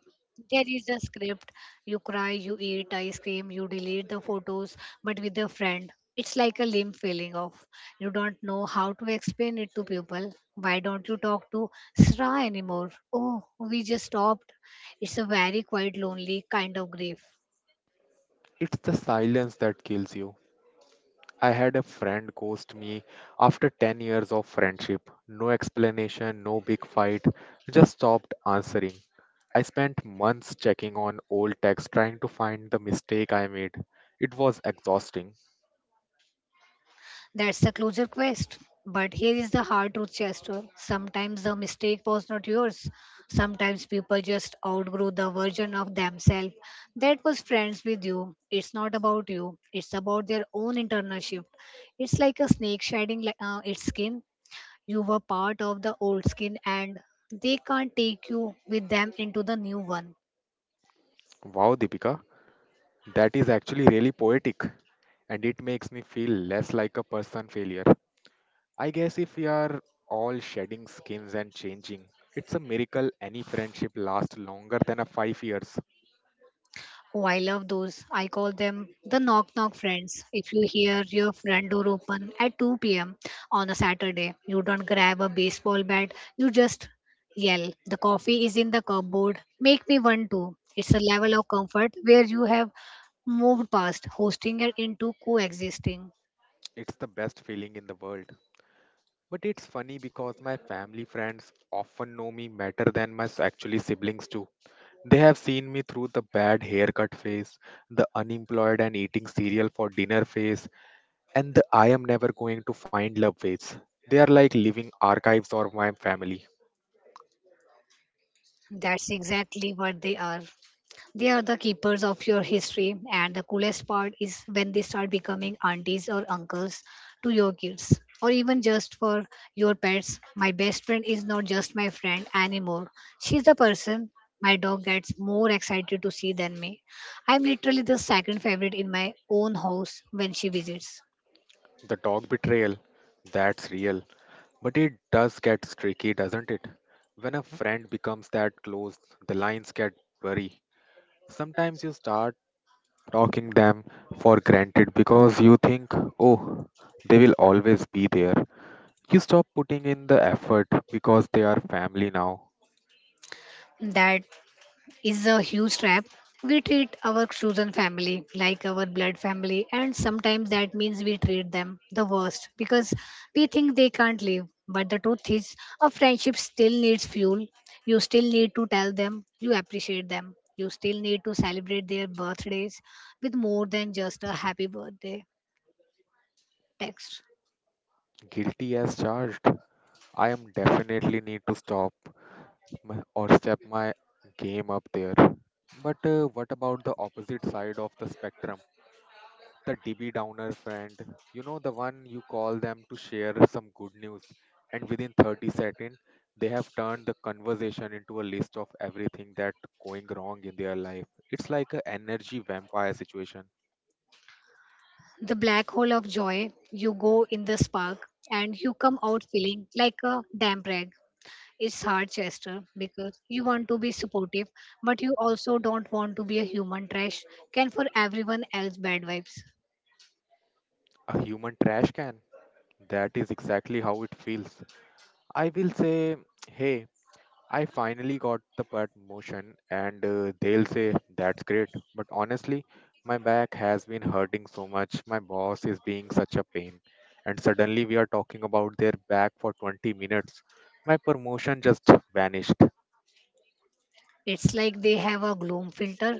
Speaker 2: There is a script. You cry, you eat ice cream, you delete the photos, but with a friend, it's like a limb feeling off. You don't know how to explain it to people. Why don't you talk to Sra anymore? Oh, we just stopped. It's a very quite lonely kind of grief.
Speaker 1: It's the silence that kills you. I had a friend ghost me after 10 years of friendship. No explanation, no big fight, just stopped answering. I spent months checking on old texts trying to find the mistake I made. It was exhausting.
Speaker 2: That's the closer quest. But here is the hard truth, Chester. Sometimes the mistake was not yours. Sometimes people just outgrow the version of themselves that was friends with you. It's not about you, it's about their own internal shift. It's like a snake shedding its skin. You were part of the old skin, and they can't take you with them into the new one.
Speaker 1: Wow, Deepika, that is actually really poetic and it makes me feel less like a person failure. I guess if we are all shedding skins and changing, it's a miracle any friendship lasts longer than a 5 years.
Speaker 2: Oh, I love those. I call them the knock knock friends. If you hear your front door open at 2 p.m. on a Saturday, you don't grab a baseball bat, you just yell, "The coffee is in the cupboard, make me one too." It's a level of comfort where you have moved past hosting it into coexisting.
Speaker 1: It's the best feeling in the world. But it's funny because my family friends often know me better than actually siblings too. They have seen me through the bad haircut phase, the unemployed and eating cereal for dinner phase, and the I am never going to find love phase. They are like living archives of my family.
Speaker 2: That's exactly what they are. They are the keepers of your history, and the coolest part is when they start becoming aunties or uncles to your kids, or even just for your pets. My best friend is not just my friend anymore. She's the person my dog gets more excited to see than me. I'm literally the second favorite in my own house when she visits.
Speaker 1: The dog betrayal, that's real. But it does get tricky, doesn't it? When a friend becomes that close, the lines get blurry. Sometimes you start talking them for granted because you think, oh, they will always be there. You stop putting in the effort because they are family now.
Speaker 2: That is a huge trap. We treat our chosen family like our blood family, and sometimes that means we treat them the worst because we think they can't live. But the truth is, a friendship still needs fuel. You still need to tell them you appreciate them. You still need to celebrate their birthdays with more than just a happy birthday text.
Speaker 1: Guilty as charged. I am definitely need to stop my, or step my game up there. But what about the opposite side of the spectrum? The DB Downer friend, you know, the one you call them to share some good news, and within 30 seconds, they have turned the conversation into a list of everything that going wrong in their life. It's like a energy vampire situation,
Speaker 2: The black hole of joy, you go in the spark and you come out feeling like a damp rag. It's hard, Chester, because you want to be supportive, but you also don't want to be a human trash can for everyone else bad vibes.
Speaker 1: a human trash can. That is exactly how it feels. I will say, hey, I finally got the promotion, and they'll say, "That's great. But honestly, my back has been hurting so much. My boss is being such a pain." And suddenly we are talking about their back for 20 minutes. My promotion just vanished.
Speaker 2: It's like they have a gloom filter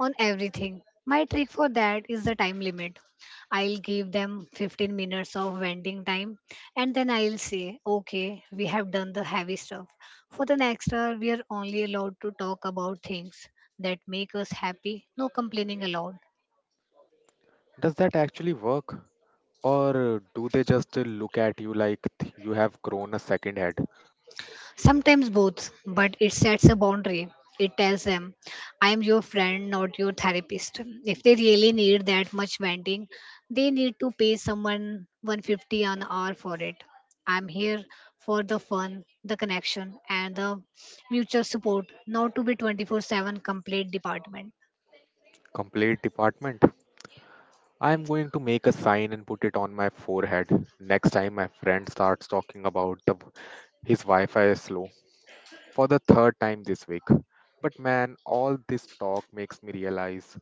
Speaker 2: on everything. My trick for that is the time limit. I'll give them 15 minutes of venting time and then I'll say, okay, we have done the heavy stuff. For the next hour, we are only allowed to talk about things that make us happy, no complaining allowed.
Speaker 1: Does that actually work? Or do they just look at you like you have grown a second head?
Speaker 2: Sometimes both, but it sets a boundary. It tells them, I am your friend, not your therapist. If they really need that much venting, they need to pay someone 150 an hour for it. I'm here for the fun, the connection, and the mutual support, not to be 24/7 complete department.
Speaker 1: Complete department. I'm going to make a sign and put it on my forehead next time my friend starts talking about the his Wi-Fi is slow for the third time this week. But man, all this talk makes me realize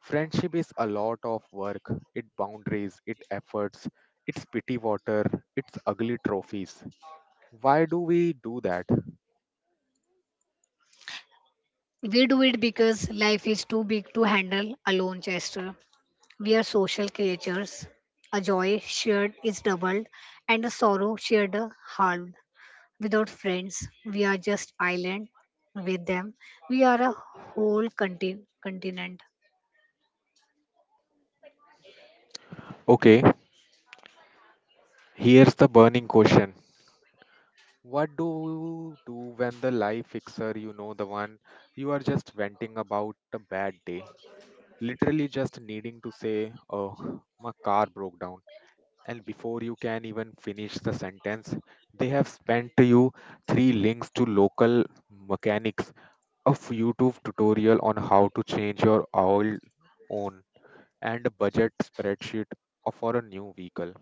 Speaker 1: friendship is a lot of work. It boundaries, it efforts, it's pity water, it's ugly trophies. Why do we do that?
Speaker 2: We do it because life is too big to handle alone, Chester. We are social creatures. A joy shared is doubled, and a sorrow shared is halved. Without friends, we are just island. With them, we are a whole continent.
Speaker 1: Okay, here's the burning question. What do you do when the life fixer, you know, the one you are just venting about a bad day, literally just needing to say, oh, my car broke down. And before you can even finish the sentence, they have sent you three links to local mechanics, a YouTube tutorial on how to change your oil on, and a budget spreadsheet for a new vehicle.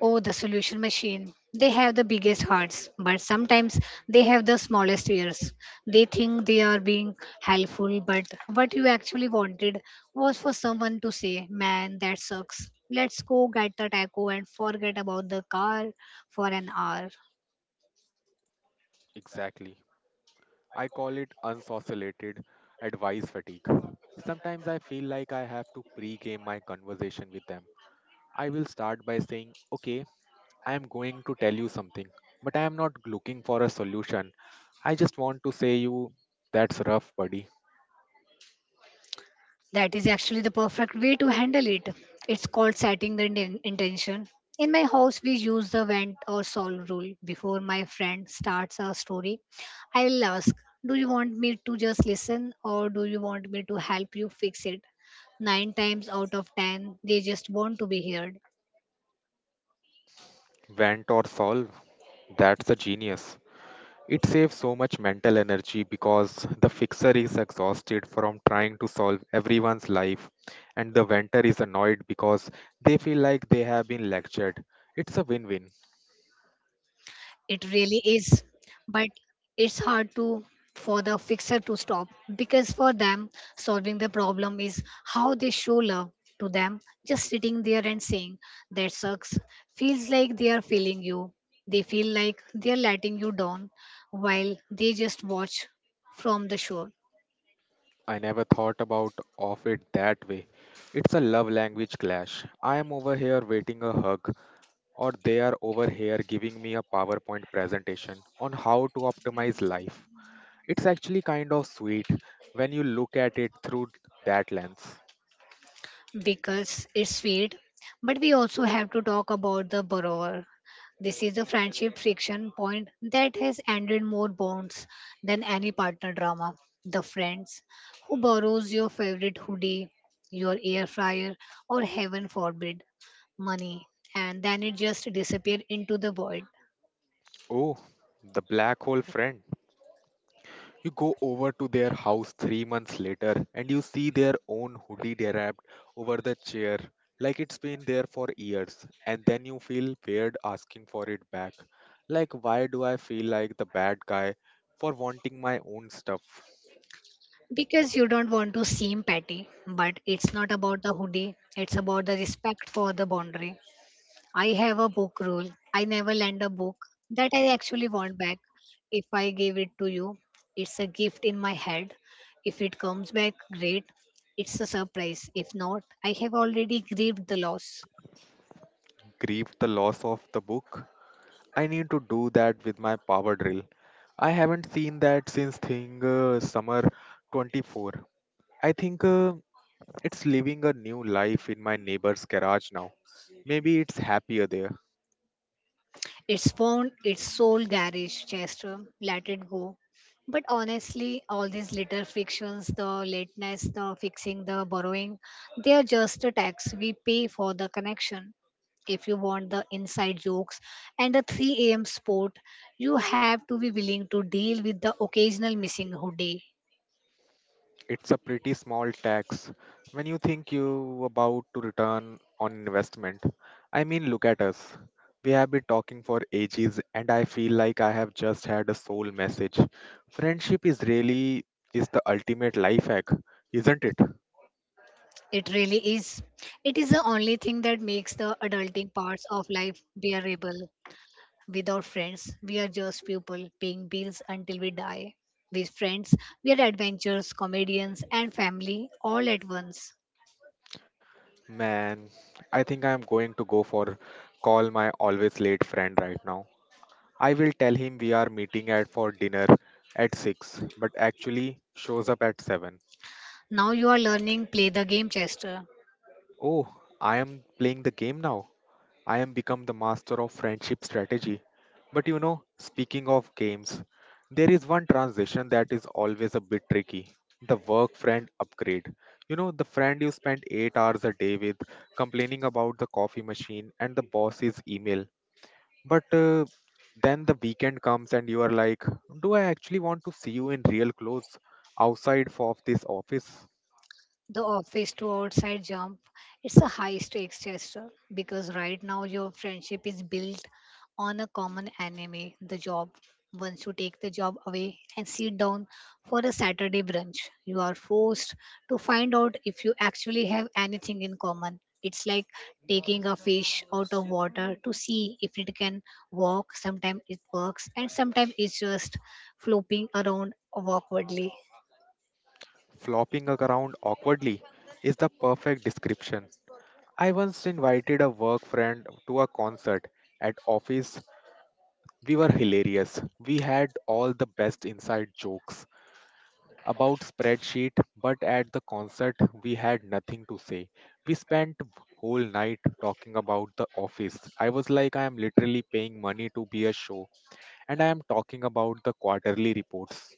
Speaker 2: Oh, the solution machine. They have the biggest hearts, but sometimes they have the smallest ears. They think they are being helpful, but what you actually wanted was for someone to say, "Man, that sucks. Let's go get the taco and forget about the car for an hour."
Speaker 1: Exactly. I call it unsocialated advice fatigue. Sometimes I feel like I have to pre game my conversation with them. I will start by saying, okay, I am going to tell you something, but I am not looking for a solution. I just want to say you, that's rough, buddy.
Speaker 2: That is actually the perfect way to handle it. It's called setting the intention. In my house, we use the vent or solve rule. Before my friend starts a story, I will ask, "Do you want me to just listen or do you want me to help you fix it?" 9 times out of 10, they just want to be heard.
Speaker 1: Vent or solve, that's a genius. It saves so much mental energy because the fixer is exhausted from trying to solve everyone's life, and the venter is annoyed because they feel like they have been lectured. It's a win win.
Speaker 2: It really is. But it's hard to for the fixer to stop, because for them solving the problem is how they show love. To them just sitting there and saying that sucks feels like they are failing you. They feel like they are letting you down while they just watch from the shore.
Speaker 1: I never thought about of it that way. It's a love language clash. I am over here waiting a hug, or they are over here giving me a PowerPoint presentation on how to optimize life. It's actually kind of sweet when you look at it through that lens.
Speaker 2: Because it's sweet. But we also have to talk about the borrower. This is a friendship friction point that has ended more bonds than any partner drama. The friends who borrows your favorite hoodie, your air fryer, or heaven forbid, money, and then it just disappears into the void.
Speaker 1: Oh, the black hole friend. You go over to their house 3 months later and you see their own hoodie draped over the chair like it's been there for years, and then you feel weird asking for it back. Like, why do I feel like the bad guy for wanting my own stuff?
Speaker 2: Because you don't want to seem petty. But it's not about the hoodie, it's about the respect for the boundary. I have a book rule. I never lend a book that I actually want back. If I give it to you, it's a gift in my head. If it comes back, great. It's a surprise. If not, I have already grieved the loss.
Speaker 1: Grieve the loss of the book? I need to do that with my power drill. I haven't seen that since thing summer 24. I think. It's living a new life in my neighbor's garage now. Maybe it's happier there.
Speaker 2: It's found its soul garage, Chester. Let it go. But honestly, all these little frictions, the lateness, the fixing, the borrowing, they are just a tax we pay for the connection. If you want the inside jokes and the 3 a.m. sport, you have to be willing to deal with the occasional missing hoodie.
Speaker 1: It's a pretty small tax when you think you about to return on investment. I mean, look at us. We have been talking for ages and I feel like I have just had a soul message. Friendship is really is the ultimate life hack, isn't it?
Speaker 2: It really is. It is the only thing that makes the adulting parts of life bearable. Without friends, we are just people paying bills until we die. With friends, we are adventurers, comedians, and family all at once.
Speaker 1: Man, I think I am going to go for call my always late friend right now. I will tell him we are meeting at for dinner at 6, but actually shows up at 7.
Speaker 2: Now you are learning play the game, Chester.
Speaker 1: Oh, I am playing the game now. I am become the master of friendship strategy. But you know, speaking of games, there is one transition that is always a bit tricky. The work friend upgrade. You know, the friend you spend 8 hours a day with complaining about the coffee machine and the boss's email. But then the weekend comes and you are like, do I actually want to see you in real clothes of this office?
Speaker 2: The office to outside jump, it's a high stakes gesture, because right now your friendship is built on a common enemy, the job. Once you take the job away and sit down for a Saturday brunch, you are forced to find out if you actually have anything in common. It's like taking a fish out of water to see if it can walk. Sometimes it works and sometimes it's just flopping around awkwardly.
Speaker 1: Flopping around awkwardly is the perfect description. I once invited a work friend to a concert at office. We were hilarious. We had all the best inside jokes about spreadsheet, but at the concert we had nothing to say. We spent whole night talking about the office. I was like I am literally paying money to be a show and I am talking about the quarterly reports.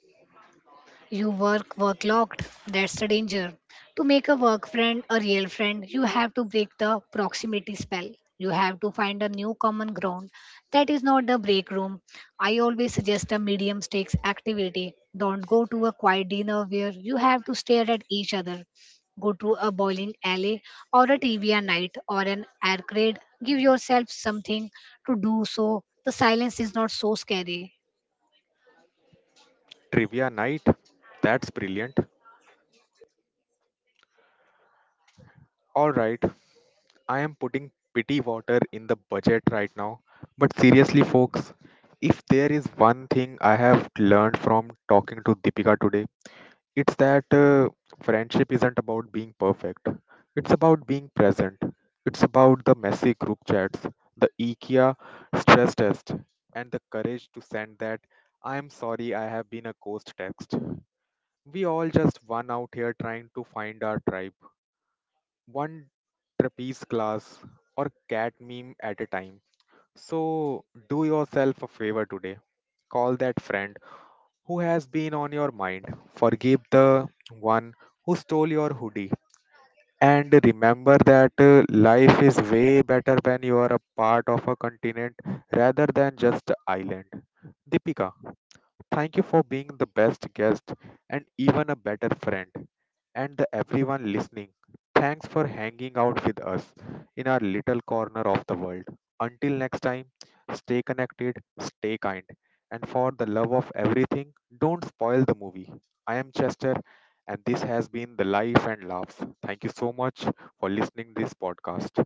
Speaker 2: You work work locked. That's the danger. To make a work friend a real friend, you have to break the proximity spell. You have to find a new common ground. That is not the break room. I always suggest a medium stakes activity. Don't go to a quiet dinner where you have to stare at each other. Go to a bowling alley or a trivia night or an arcade. Give yourself something to do so the silence is not so scary.
Speaker 1: Trivia night? That's brilliant. All right, I am putting pity water in the budget right now. But seriously, folks, if there is one thing I have learned from talking to Deepika today, it's that friendship isn't about being perfect. It's about being present. It's about the messy group chats, the IKEA stress test, and the courage to send that I'm sorry I have been a ghost text. We all just one out here trying to find our tribe, one trapeze class or cat meme at a time. So do yourself a favor today. Call that friend who has been on your mind. Forgive the one who stole your hoodie. And remember that life is way better when you are a part of a continent rather than just an island. Deepika, thank you for being the best guest and even a better friend. And the everyone listening, thanks for hanging out with us in our little corner of the world. Until next time, stay connected, stay kind, and for the love of everything, don't spoil the movie. I am Chester, and this has been The Life and Laughs. Thank you so much for listening this podcast.